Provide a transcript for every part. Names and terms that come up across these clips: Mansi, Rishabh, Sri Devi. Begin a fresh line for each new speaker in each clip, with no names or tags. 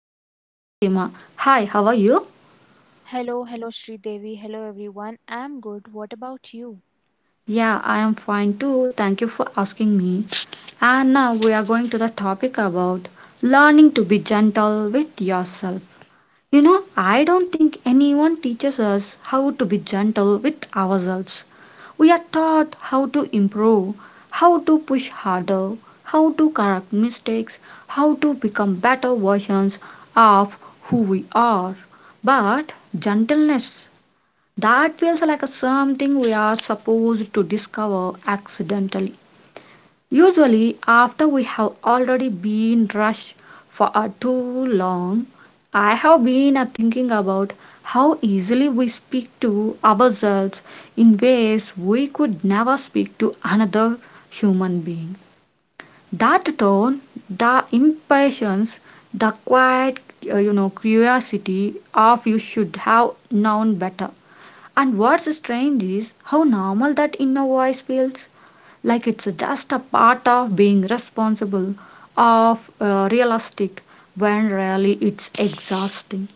co-host Fatima. Hi, how are you?
Hello, hello, Sri Devi. Hello, everyone. I'm good. What about you?
Yeah, I am fine too. Thank you for asking me. And now we are going to the topic about learning to be gentle with yourself. You know, I don't think anyone teaches us how to be gentle with ourselves. We are taught how to improve, how to push harder, how to correct mistakes, how to become better versions of who we are. But gentleness, that feels like a something we are supposed to discover accidentally. Usually, after we have already been rushed for too long, I have been thinking about how easily we speak to ourselves in ways we could never speak to another human being. That tone, the impatience, the quiet, curiosity of you should have known better. And what's strange is how normal that inner voice feels like it's just a part of being responsible of realistic when really it's exhausting.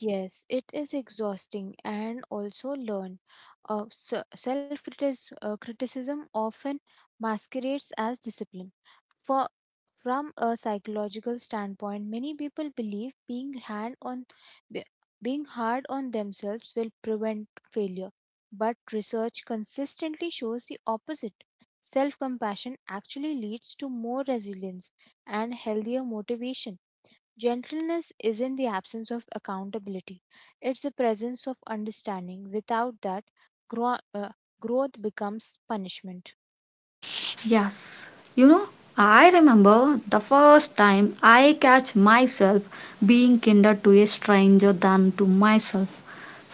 Yes, it is exhausting and also learn. Self criticism often masquerades as discipline. For, from a psychological standpoint, many people believe being hand on be- being hard on themselves will prevent failure, but research consistently shows the opposite. Self-compassion actually leads to more resilience and healthier motivation. Gentleness isn't the absence of accountability. It's the presence of understanding. Without that, grow, uh, growth becomes punishment.
Yes. You know, I remember the first time I catch myself being kinder to a stranger than to myself.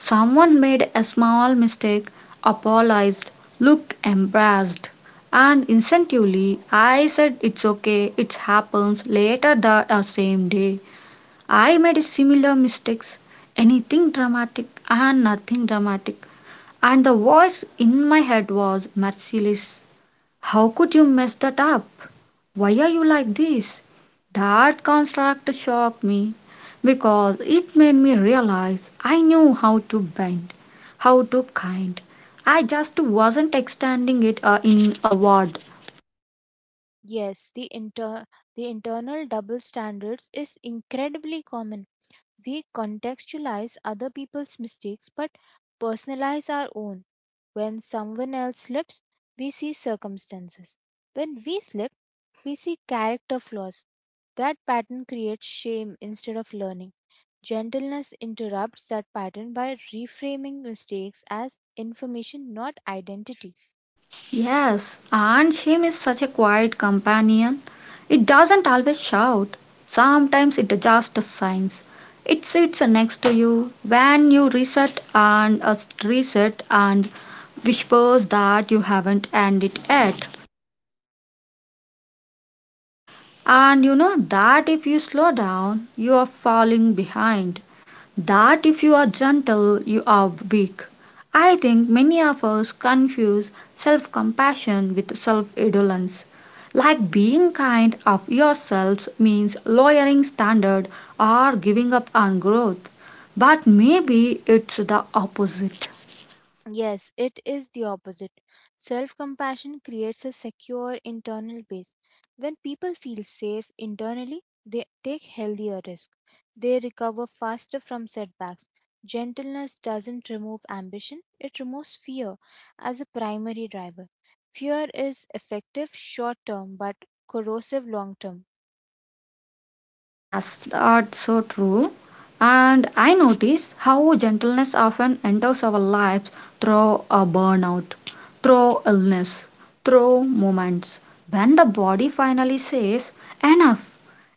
Someone made a small mistake, apologized, looked embarrassed, and instinctively I said, it's okay, it happens. Later that same day I made similar mistakes. Anything dramatic and nothing dramatic. And the voice in my head was merciless. How could you mess that up? Why are you like this? That construct shocked me because it made me realize I knew how to bend, how to kind. I just wasn't extending it in a word.
Yes, the internal double standards is incredibly common. We contextualize other people's mistakes but personalize our own. When someone else slips, we see circumstances. When we slip, we see character flaws. That pattern creates shame instead of learning. Gentleness interrupts that pattern by reframing mistakes as information, not identity.
Yes, and shame is such a quiet companion. It doesn't always shout. Sometimes it just signs. It sits next to you when you reset and reset and whispers that you haven't ended yet. And you know that if you slow down, you are falling behind. That if you are gentle you are weak. I think many of us confuse self compassion with self indolence. Like being kind of yourselves means lowering standard or giving up on growth. But maybe it's the opposite.
Yes, it is the opposite. Self compassion creates a secure internal base. When people feel safe internally, they take healthier risks. They recover faster from setbacks. Gentleness doesn't remove ambition, it removes fear as a primary driver. Fear is effective short term but corrosive long term.
Yes, that's so true. And I notice how gentleness often enters our lives through a burnout, through illness, through moments. When the body finally says, enough,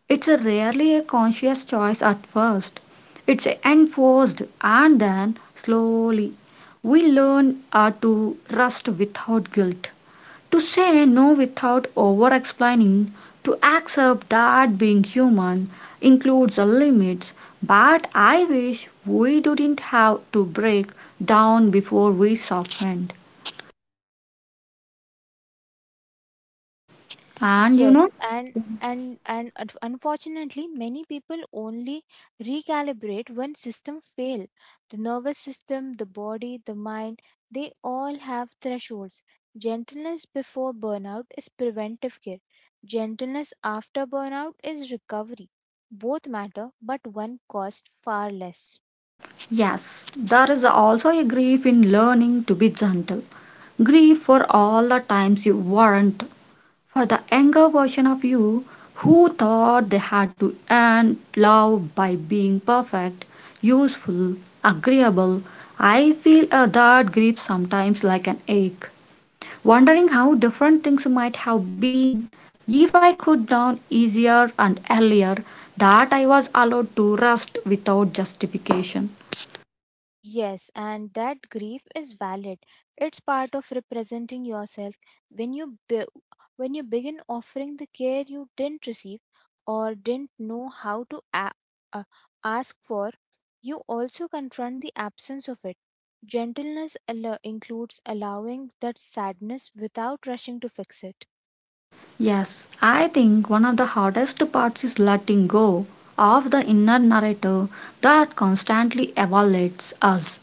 it's a rarely a conscious choice at first. It's enforced, and then slowly we learn to rest without guilt. To say no without over explaining, to accept that being human includes a limits, but I wish we didn't have to break down before we softened. And you
Yes,
know,
and unfortunately, many people only recalibrate when system fail. The nervous system, the body, the mind, they all have thresholds. Gentleness before burnout is preventive care. Gentleness after burnout is recovery. Both matter, but one costs far less.
yes, there is also a grief in learning to be gentle. Grief for all the times you weren't, for the younger version of you who thought they had to earn love by being perfect, useful, agreeable. I feel that grief sometimes like an ache, wondering how different things might have been if I could down easier and earlier that I was allowed to rest without justification.
Yes, and that grief is valid. It's part of representing yourself. When when you begin offering the care you didn't receive or didn't know how to uh, ask for, you also confront the absence of it. Gentleness includes allowing that sadness without rushing to fix it.
Yes, I think one of the hardest parts is letting go of the inner narrative that constantly evaluates us.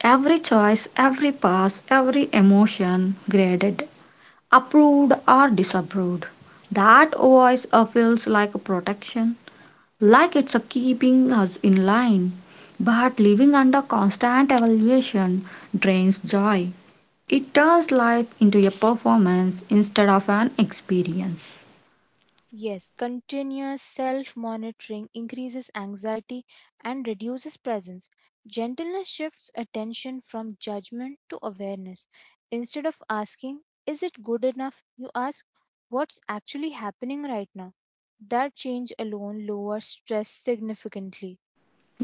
Every choice, every pass, every emotion graded, approved or disapproved. That voice feels like a protection, like it's a keeping us in line. But living under constant evaluation drains joy. It turns life into a performance instead of an experience.
Yes, continuous self monitoring increases anxiety and reduces presence. Gentleness shifts attention from judgment to awareness. Instead of asking, is it good enough? You ask, what's actually happening right now? That change alone lowers stress significantly.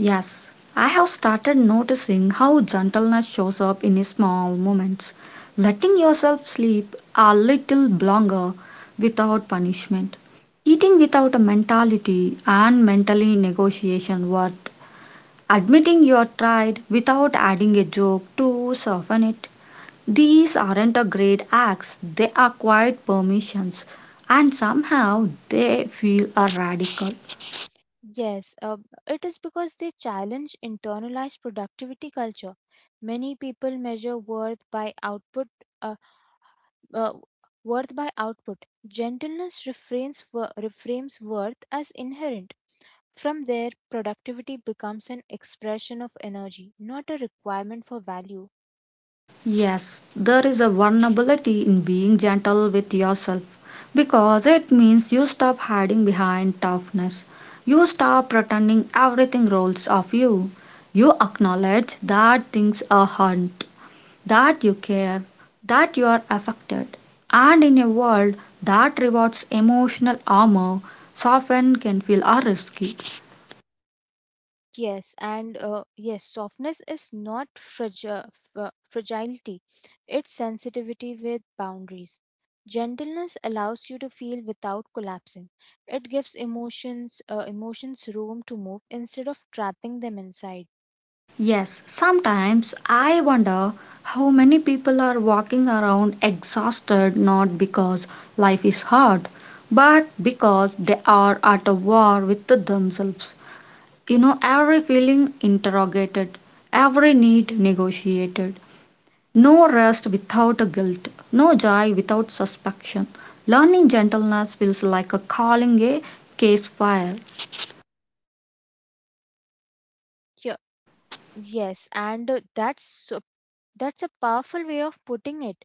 Yes, I have started noticing how gentleness shows up in small moments. Letting yourself sleep a little longer without punishment. Eating without a mentality and mentally negotiation worth. Admitting you are tired without adding a joke to soften it. These aren't a great acts, they are quiet permissions, and somehow they feel a radical.
Yes, it is because they challenge internalized productivity culture. Many people measure uh, uh, worth by output. Gentleness reframes worth as inherent. From there, productivity becomes an expression of energy, not a requirement for value.
Yes, there is a vulnerability in being gentle with yourself because it means you stop hiding behind toughness. You stop pretending everything rolls off you. You acknowledge that things are hurt, that you care, that you are affected. And in a world that rewards emotional armor, soften can feel a risky.
Yes, and yes, softness is not fragility, it's sensitivity with boundaries. Gentleness allows you to feel without collapsing. It gives emotions room to move instead of trapping them inside.
Yes, sometimes I wonder how many people are walking around exhausted not because life is hard, but because they are at a war with themselves. You know, every feeling interrogated, every need negotiated, no rest without a guilt, no joy without suspicion. Learning gentleness feels like a calling a case fire.
Yes, and that's a powerful way of putting it.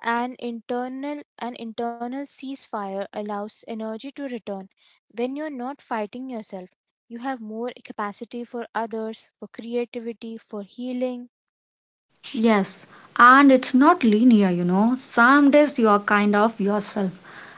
An internal ceasefire allows energy to return. When you're not fighting yourself, you have more capacity for others, for creativity, for healing.
Yes, and it's not linear, you know. Some days you are kind of yourself,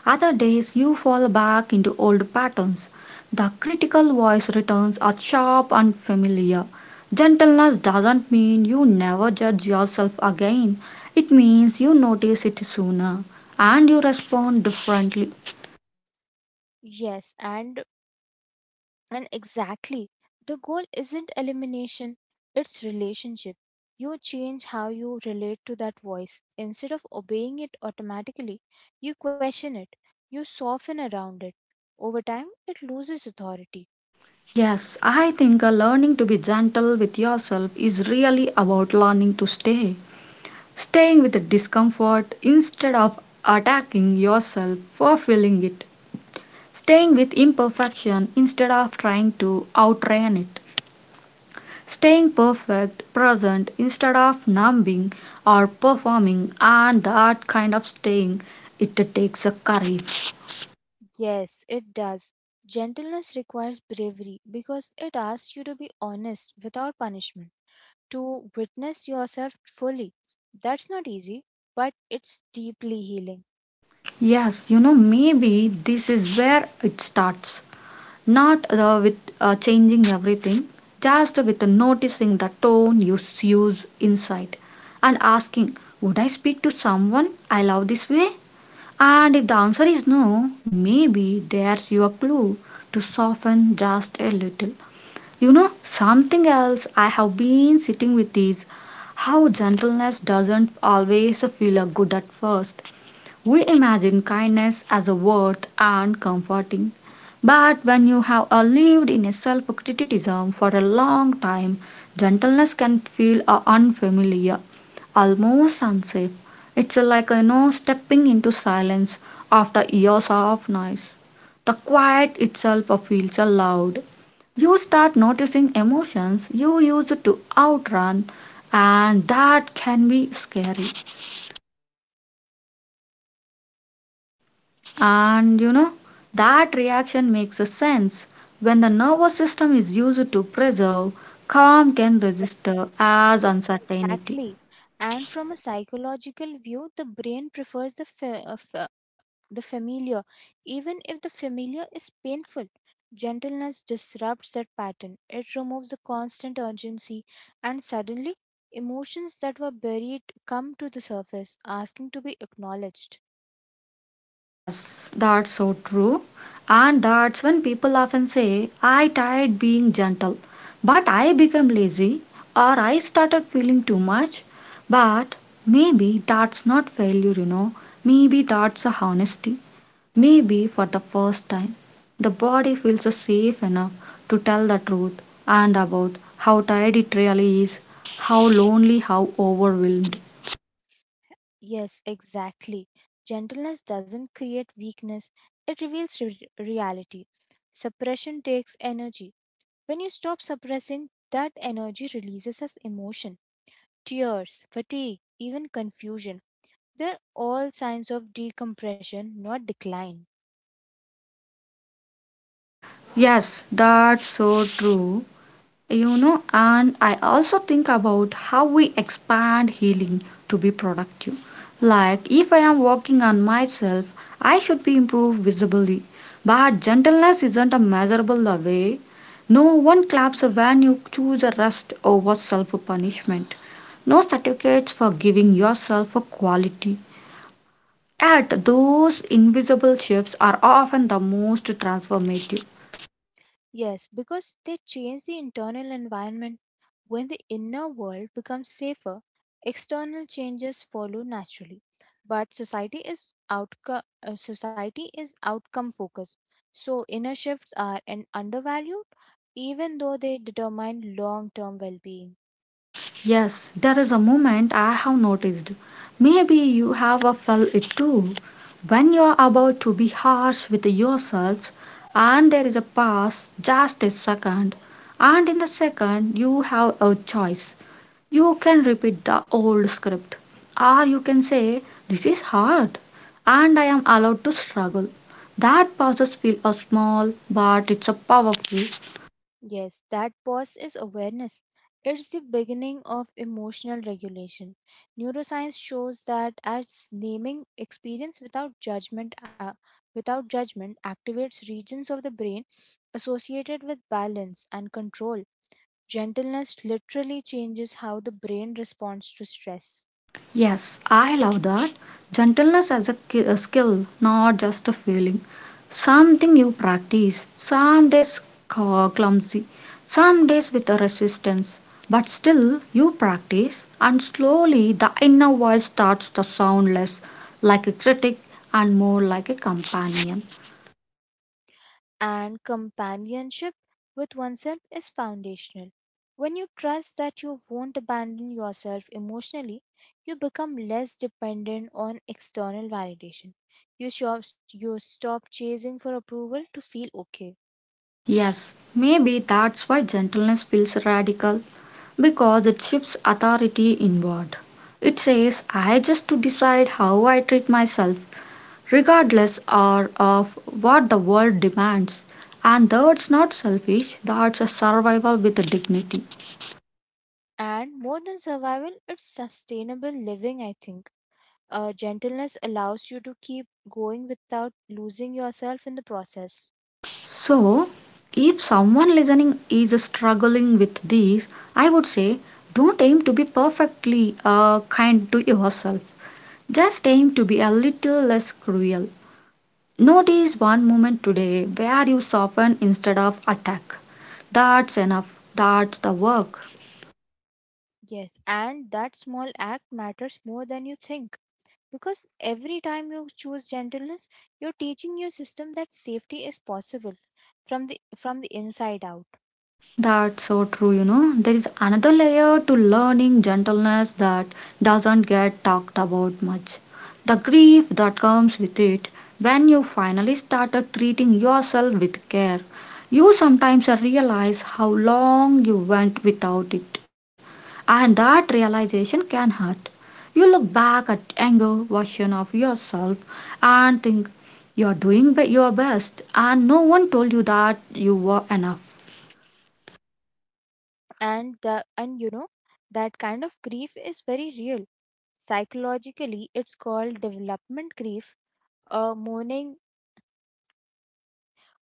other days you fall back into old patterns. The critical voice returns are sharp and familiar. Gentleness doesn't mean you never judge yourself again, it means you notice it sooner and you respond differently.
Yes, and And exactly, the goal isn't elimination, it's relationship. You change how you relate to that voice. Instead of obeying it automatically, you question it, you soften around it. Over time, it loses authority.
Yes, I think learning to be gentle with yourself is really about learning to stay. Staying with the discomfort instead of attacking yourself for feeling it. Staying with imperfection instead of trying to outrun it. Staying perfect present instead of numbing or performing, and that kind of staying, it takes a courage.
Yes, it does. Gentleness requires bravery because it asks you to be honest without punishment, to witness yourself fully. That's not easy, but it's deeply healing.
Yes, you know maybe this is where it starts. Not with changing everything, just with noticing the tone you use inside and asking, would I speak to someone I love this way? And if the answer is no, maybe there's your clue to soften just a little. You know, something else I have been sitting with is how gentleness doesn't always feel good at first. We imagine kindness as a worth and comforting, but when you have lived in a self criticism for a long time, gentleness can feel unfamiliar, almost unsafe. It's like you know stepping into silence after years of noise. The quiet itself feels loud. You start noticing emotions you used to outrun, and that can be scary. And you know, that reaction makes a sense. When the nervous system is used to preserve, calm can register as
Yes,
uncertainty.
exactly. And from a psychological view, the brain prefers the familiar, even if the familiar is painful. Gentleness disrupts that pattern. It removes the constant urgency, and suddenly, emotions that were buried come to the surface, asking to be acknowledged.
Yes, that's so true. And that's when people often say, I tried being gentle, but I became lazy or I started feeling too much. But maybe that's not failure, you know. Maybe that's a honesty. Maybe for the first time, the body feels safe enough to tell the truth and about how tired it really is, how lonely, how overwhelmed.
Yes, exactly. Gentleness doesn't create weakness; it reveals reality. Suppression takes energy. When you stop suppressing, that energy releases as emotion, tears, fatigue, even confusion. They're all signs of decompression, not decline.
Yes, that's so true. You know, and I also think about how we expand healing to be productive. Like if I am working on myself I should be improved visibly, but gentleness isn't a measurable away. No one claps when you choose a rest over self punishment. No certificates for giving yourself a quality. Yet those invisible shifts are often the most transformative.
Yes, because they change the internal environment. When the inner world becomes safer, external changes follow naturally. But society is outcome focused. So inner shifts are an undervalued even though they determine long-term well-being.
Yes, there is a moment I have noticed. Maybe you have felt it too. When you're about to be harsh with yourself, and there is a pause, just a second, and in the second, you have a choice. You can repeat the old script, or you can say, this is hard, and I am allowed to struggle. That pauses feel a small, but it's a powerful.
Yes, that pause is awareness. It's the beginning of emotional regulation. Neuroscience shows that as naming experience without judgment activates regions of the brain associated with balance and control. Gentleness literally changes how the brain responds to stress.
Yes, I love that. Gentleness as a a skill, not just a feeling. Something you practice, some days clumsy, some days with a resistance, but still you practice, and slowly the inner voice starts to sound less like a critic and more like a companion.
And companionship with oneself is foundational. When you trust that you won't abandon yourself emotionally, you become less dependent on external validation. You stop chasing for approval to feel okay.
Yes, maybe that's why gentleness feels radical because it shifts authority inward. It says, I just to decide how I treat myself, regardless or of what the world demands. And that's not selfish, that's a survival with a dignity.
And more than survival, it's sustainable living, I think. Gentleness allows you to keep going without losing yourself in the process.
So, if someone listening is struggling with these, I would say, don't aim to be perfectly kind to yourself. Just aim to be a little less cruel. Notice one moment today where you soften instead of attack. That's enough. That's the work.
Yes, and that small act matters more than you think. Because every time you choose gentleness, you're teaching your system that safety is possible from the inside out.
That's so true, you know. There is another layer to learning gentleness that doesn't get talked about much. The grief that comes with it when you finally started treating yourself with care. You sometimes realize how long you went without it. And that realization can hurt. You look back at younger version of yourself and think you're doing your best and no one told you that you were enough.
And that kind of grief is very real. Psychologically, it's called development grief, uh, mourning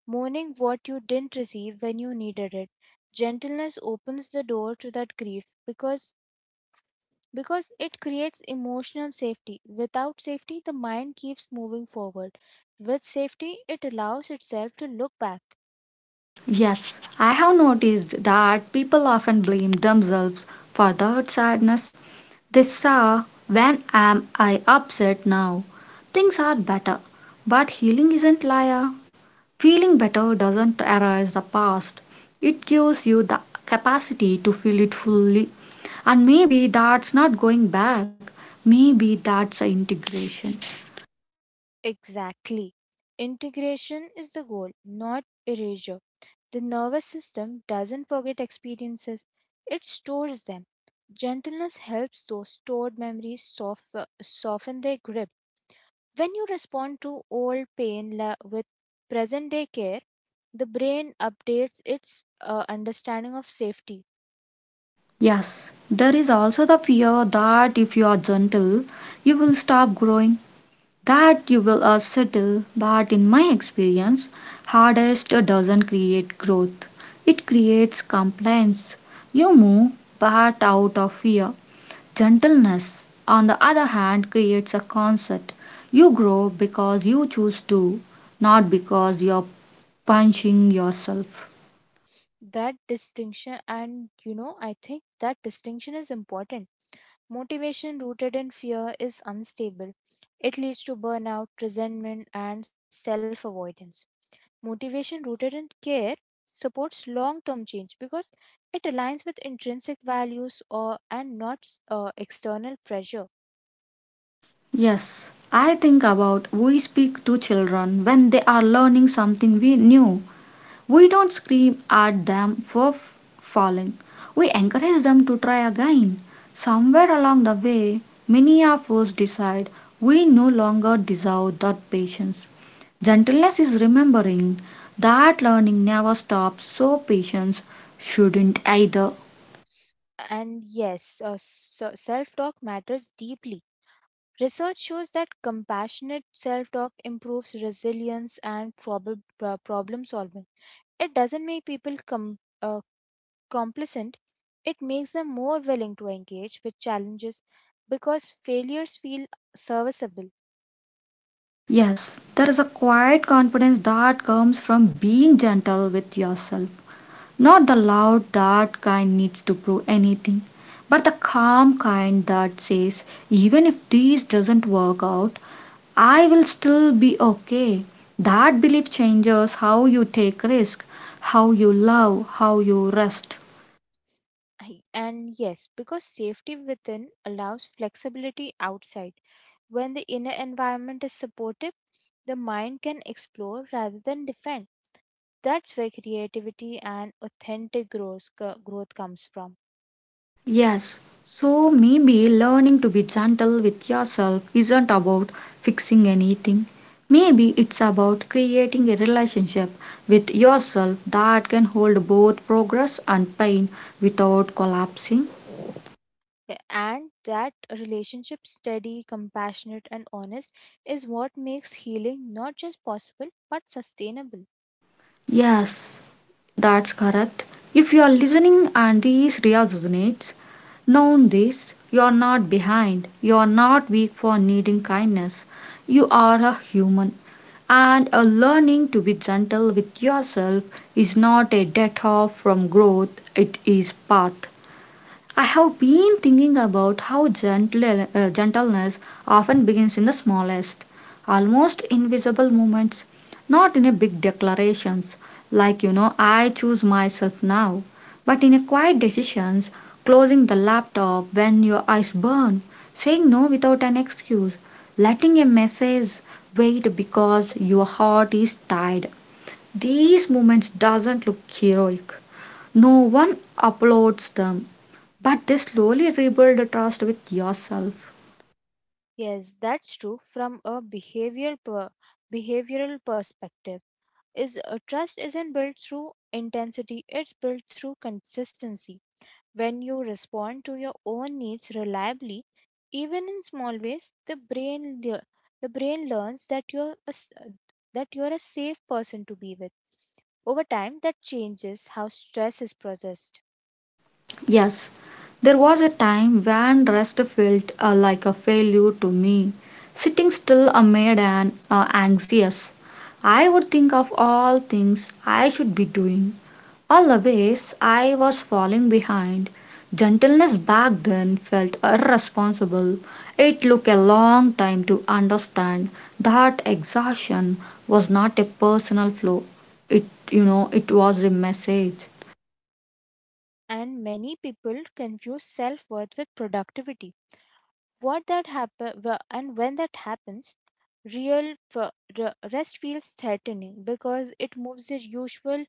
mourning what you didn't receive when you needed it. Gentleness opens the door to that grief because it creates emotional safety. Without safety, the mind keeps moving forward. With safety, it allows itself to look back.
Yes, I have noticed that people often blame themselves for their sadness. They say, when am I upset now? Things are better. But healing isn't liar. Feeling better doesn't erase the past, it gives you the capacity to feel it fully. And maybe that's not going back, maybe that's a integration.
Exactly. Integration is the goal, not erasure. The nervous system doesn't forget experiences, it stores them. Gentleness helps those stored soften their grip. When you respond to old pain with present day care, the brain updates its understanding of safety.
Yes, there is also the fear that if you are gentle, you will stop growing, that you will settle. But in my experience, hardest doesn't create growth, it creates compliance. You move, but out of fear. Gentleness, on the other hand, creates a concept. You grow because you choose to, not because you're punishing yourself.
That distinction and you know I think that distinction is important. Motivation rooted in fear is unstable. It leads to burnout, resentment and self avoidance. Motivation rooted in care supports long term change because it aligns with intrinsic values or and not external pressure.
Yes, I think about we speak to children when they are learning something we new. We don't scream at them for falling. We encourage them to try again. Somewhere along the way, many of us decide we no longer deserve that patience. Gentleness is remembering that learning never stops, so patience shouldn't either.
And yes, self talk matters deeply. Research shows that compassionate self talk improves resilience and problem solving. It doesn't make people complacent, it makes them more willing to engage with challenges because failures feel serviceable.
Yes, there is a quiet confidence that comes from being gentle with yourself. Not the loud that kind needs to prove anything, but the calm kind that says, even if this doesn't work out, I will still be okay. That belief changes how you take risk, how you love, how you rest.
And yes, because safety within allows flexibility outside. When the inner environment is supportive, the mind can explore rather than defend. That's where creativity and authentic growth comes from.
Yes, so maybe learning to be gentle with yourself isn't about fixing anything. Maybe it's about creating a relationship with yourself that can hold both progress and pain without collapsing.
Yeah, and that relationship, steady, compassionate, and honest, is what makes healing not just possible but sustainable.
Yes, that's correct. If you are listening and this resonates, know this: you are not behind, you are not weak for needing kindness. You are a human. And a learning to be gentle with yourself is not a death off from growth, it is path. I have been thinking about how gentleness often begins in the smallest, almost invisible moments, not in a big declarations like you know I choose myself now, but in a quiet decisions, closing the laptop when your eyes burn, saying no without an excuse, letting a message wait because your heart is tired. These moments doesn't look heroic. No one uploads them, but they slowly rebuild the trust with yourself.
Yes, that's true. From a behavioral perspective, is trust isn't built through intensity; it's built through consistency. When you respond to your own needs reliably, even in small ways, the brain learns that that you're a safe person to be with. Over time, that changes how stress is processed,
Yes, there was a time when rest felt like a failure to me. Sitting still made an anxious. I would think of all things I should be doing. Always I was falling behind. Gentleness back then felt irresponsible. It took a long time to understand that exhaustion was not a personal flaw. It, you know, it was a message.
and many people confuse self-worth with productivity. What that happen wh- and when that happens, real f- rest feels threatening because it moves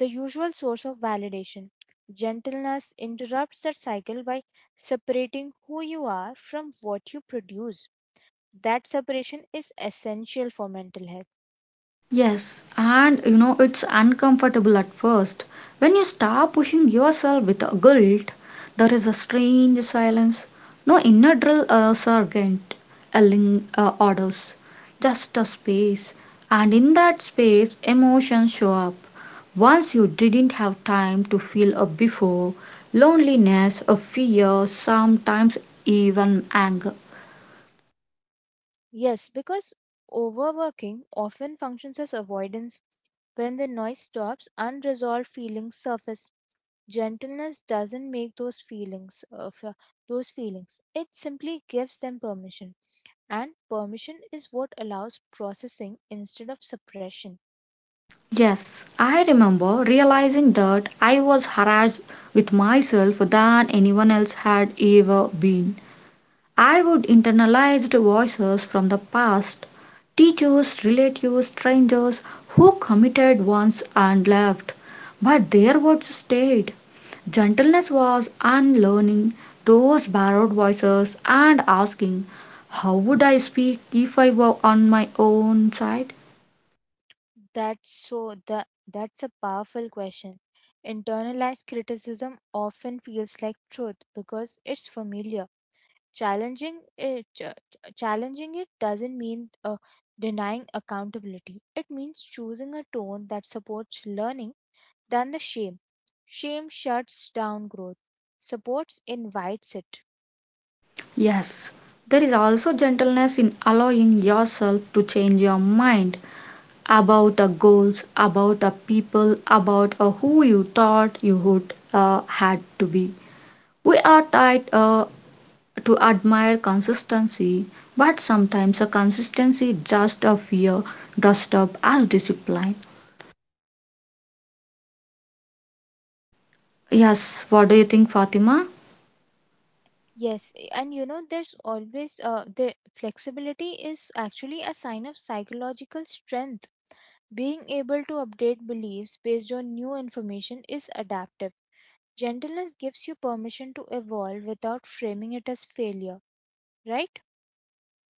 the usual source of validation. Gentleness interrupts that cycle by separating who you are from what you produce. That separation is essential for mental health.
Yes, and you know it's uncomfortable at first. When you start pushing yourself with a guilt, there is a strange silence. No inner drill sergeant yelling orders, just a space. And in that space, emotions show up. Once you didn't have time to feel a before, loneliness, a fear, sometimes even anger.
Yes, because overworking often functions as avoidance. When the noise stops, unresolved feelings surface. Gentleness doesn't make those feelings. It simply gives them permission, and permission is what allows processing instead of suppression.
Yes, I remember realizing that I was harassed with myself than anyone else had ever been. I would internalized voices from the past, teachers, relatives, strangers who committed once and left, but their words stayed. Gentleness was unlearning those borrowed voices and asking, how would I speak if I were on my own side?
That's so that's a powerful question. Internalized criticism often feels like truth because it's familiar. Challenging it doesn't mean denying accountability. It means choosing a tone that supports learning than the shame. Shame shuts down growth. Supports invites it.
Yes, there is also gentleness in allowing yourself to change your mind about the goals, about the people, about who you thought you would had to be. We are tied to admire consistency, but sometimes a consistency just a fear dressed up as discipline. Yes, what do you think, Fatima?
Yes, and you know the flexibility is actually a sign of psychological strength. Being able to update beliefs based on new information is adaptive. Gentleness gives you permission to evolve without framing it as failure, right?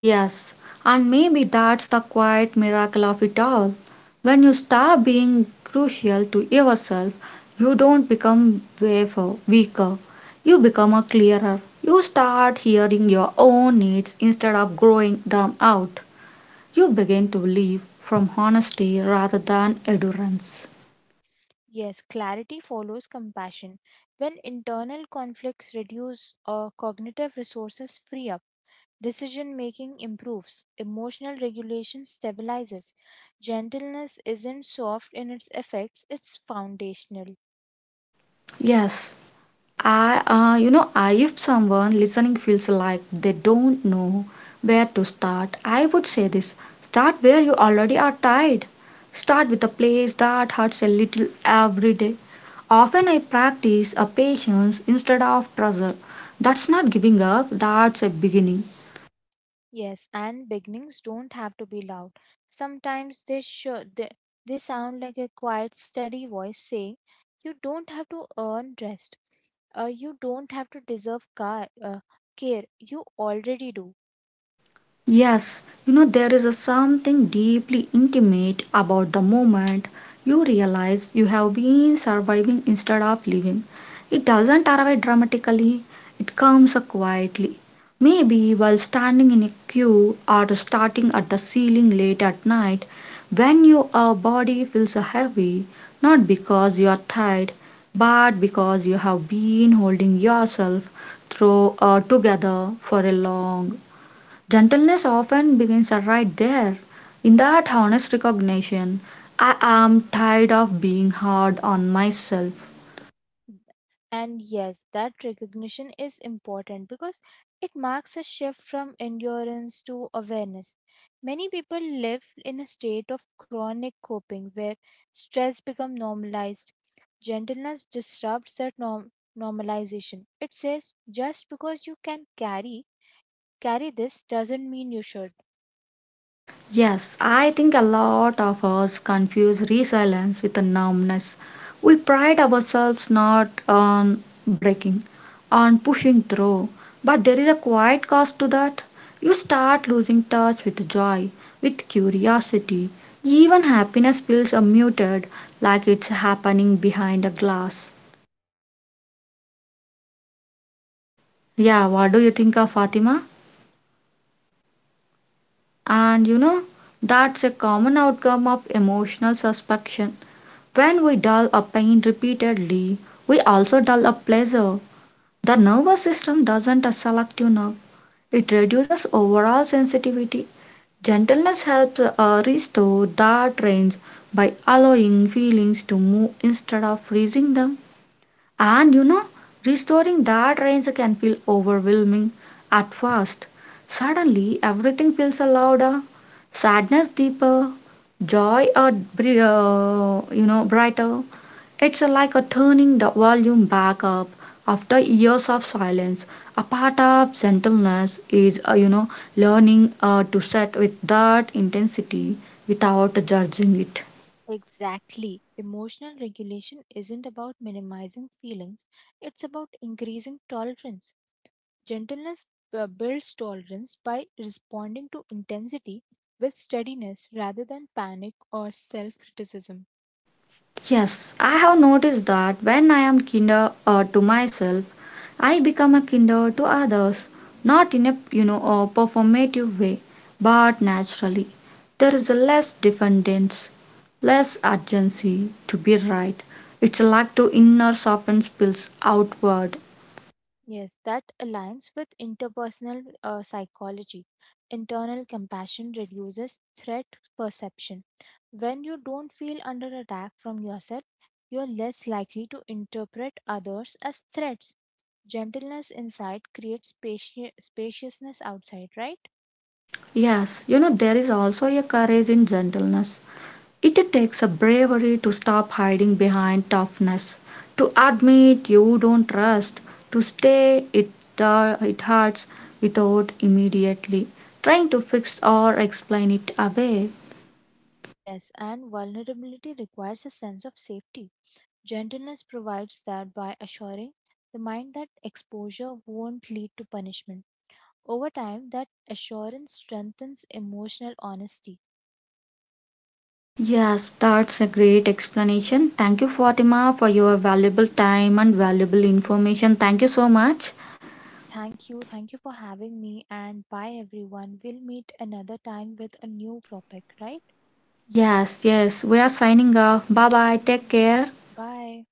Yes, and maybe that's the quiet miracle of it all. When you stop being crucial to yourself, you don't become weaker. You become a clearer. You start hearing your own needs instead of growing them out. You begin to live from honesty rather than endurance.
Yes, clarity follows compassion. When internal conflicts reduce or cognitive resources free up, decision making improves, emotional regulation stabilizes. Gentleness isn't soft in its effects, it's foundational.
Yes, I, you know, I, if someone listening feels like they don't know where to start, I would say this: start where you already are tied. Start with a place that hurts a little every day. Often I practice a patience instead of pressure. That's not giving up, that's a beginning.
Yes, and beginnings don't have to be loud. Sometimes they sound like a quiet, steady voice saying, "You don't have to earn rest. You don't have to deserve care. You already do."
Yes, you know, there is a something deeply intimate about the moment you realize you have been surviving instead of living. It doesn't arrive dramatically, it comes quietly. Maybe while standing in a queue or starting at the ceiling late at night, when your body feels heavy, not because you are tired, but because you have been holding yourself through together for a long. Gentleness often begins right there, in that honest recognition. I am tired of being hard on myself.
And yes, that recognition is important because it marks a shift from endurance to awareness. Many people live in a state of chronic coping where stress becomes normalized. Gentleness disrupts normalization. It says just because you can carry this doesn't mean you should.
Yes, I think a lot of us confuse resilience with a numbness. We pride ourselves not on breaking, on pushing through, but there is a quiet cost to that. You start losing touch with joy, with curiosity. Even happiness feels muted, like it's happening behind a glass. Yeah, what do you think of Fatima? And you know, that's a common outcome of emotional suspension. When we dull a pain repeatedly, we also dull a pleasure. The nervous system doesn't a selective nerve, it reduces overall sensitivity. Gentleness helps restore that range by allowing feelings to move instead of freezing them. And you know, restoring that range can feel overwhelming at first. Suddenly, everything feels louder, sadness deeper, joy a you know brighter. It's like a turning the volume back up after years of silence. A part of gentleness is you know learning to sit with that intensity without judging it.
Exactly. Emotional regulation isn't about minimizing feelings, it's about increasing tolerance. Gentleness builds tolerance by responding to intensity with steadiness rather than panic or self criticism.
Yes, I have noticed that when I am kinder to myself, I become a kinder to others, not in a you know a performative way, but naturally. There is a less dependence, less urgency to be right. It's like to inner soften spills outward.
Yes, that aligns with interpersonal psychology. Internal compassion reduces threat perception. When you don't feel under attack from yourself, you are less likely to interpret others as threats. Gentleness inside creates spaciousness outside, right?
Yes, you know there is also a courage in gentleness. It takes a bravery to stop hiding behind toughness, to admit you don't trust, to stay it, it hurts without immediately trying to fix or explain it away.
Yes, and vulnerability requires a sense of safety. Gentleness provides that by assuring the mind that exposure won't lead to punishment. Over time, that assurance strengthens emotional honesty.
Yes, that's a great explanation. Thank you, Fatima, for your valuable time and valuable information. Thank you so much.
Yes, thank you. Thank you for having me. And bye, everyone. We'll meet another time with a new topic, right?
Yes, yes, we are signing off. Bye bye. Take care.
Bye.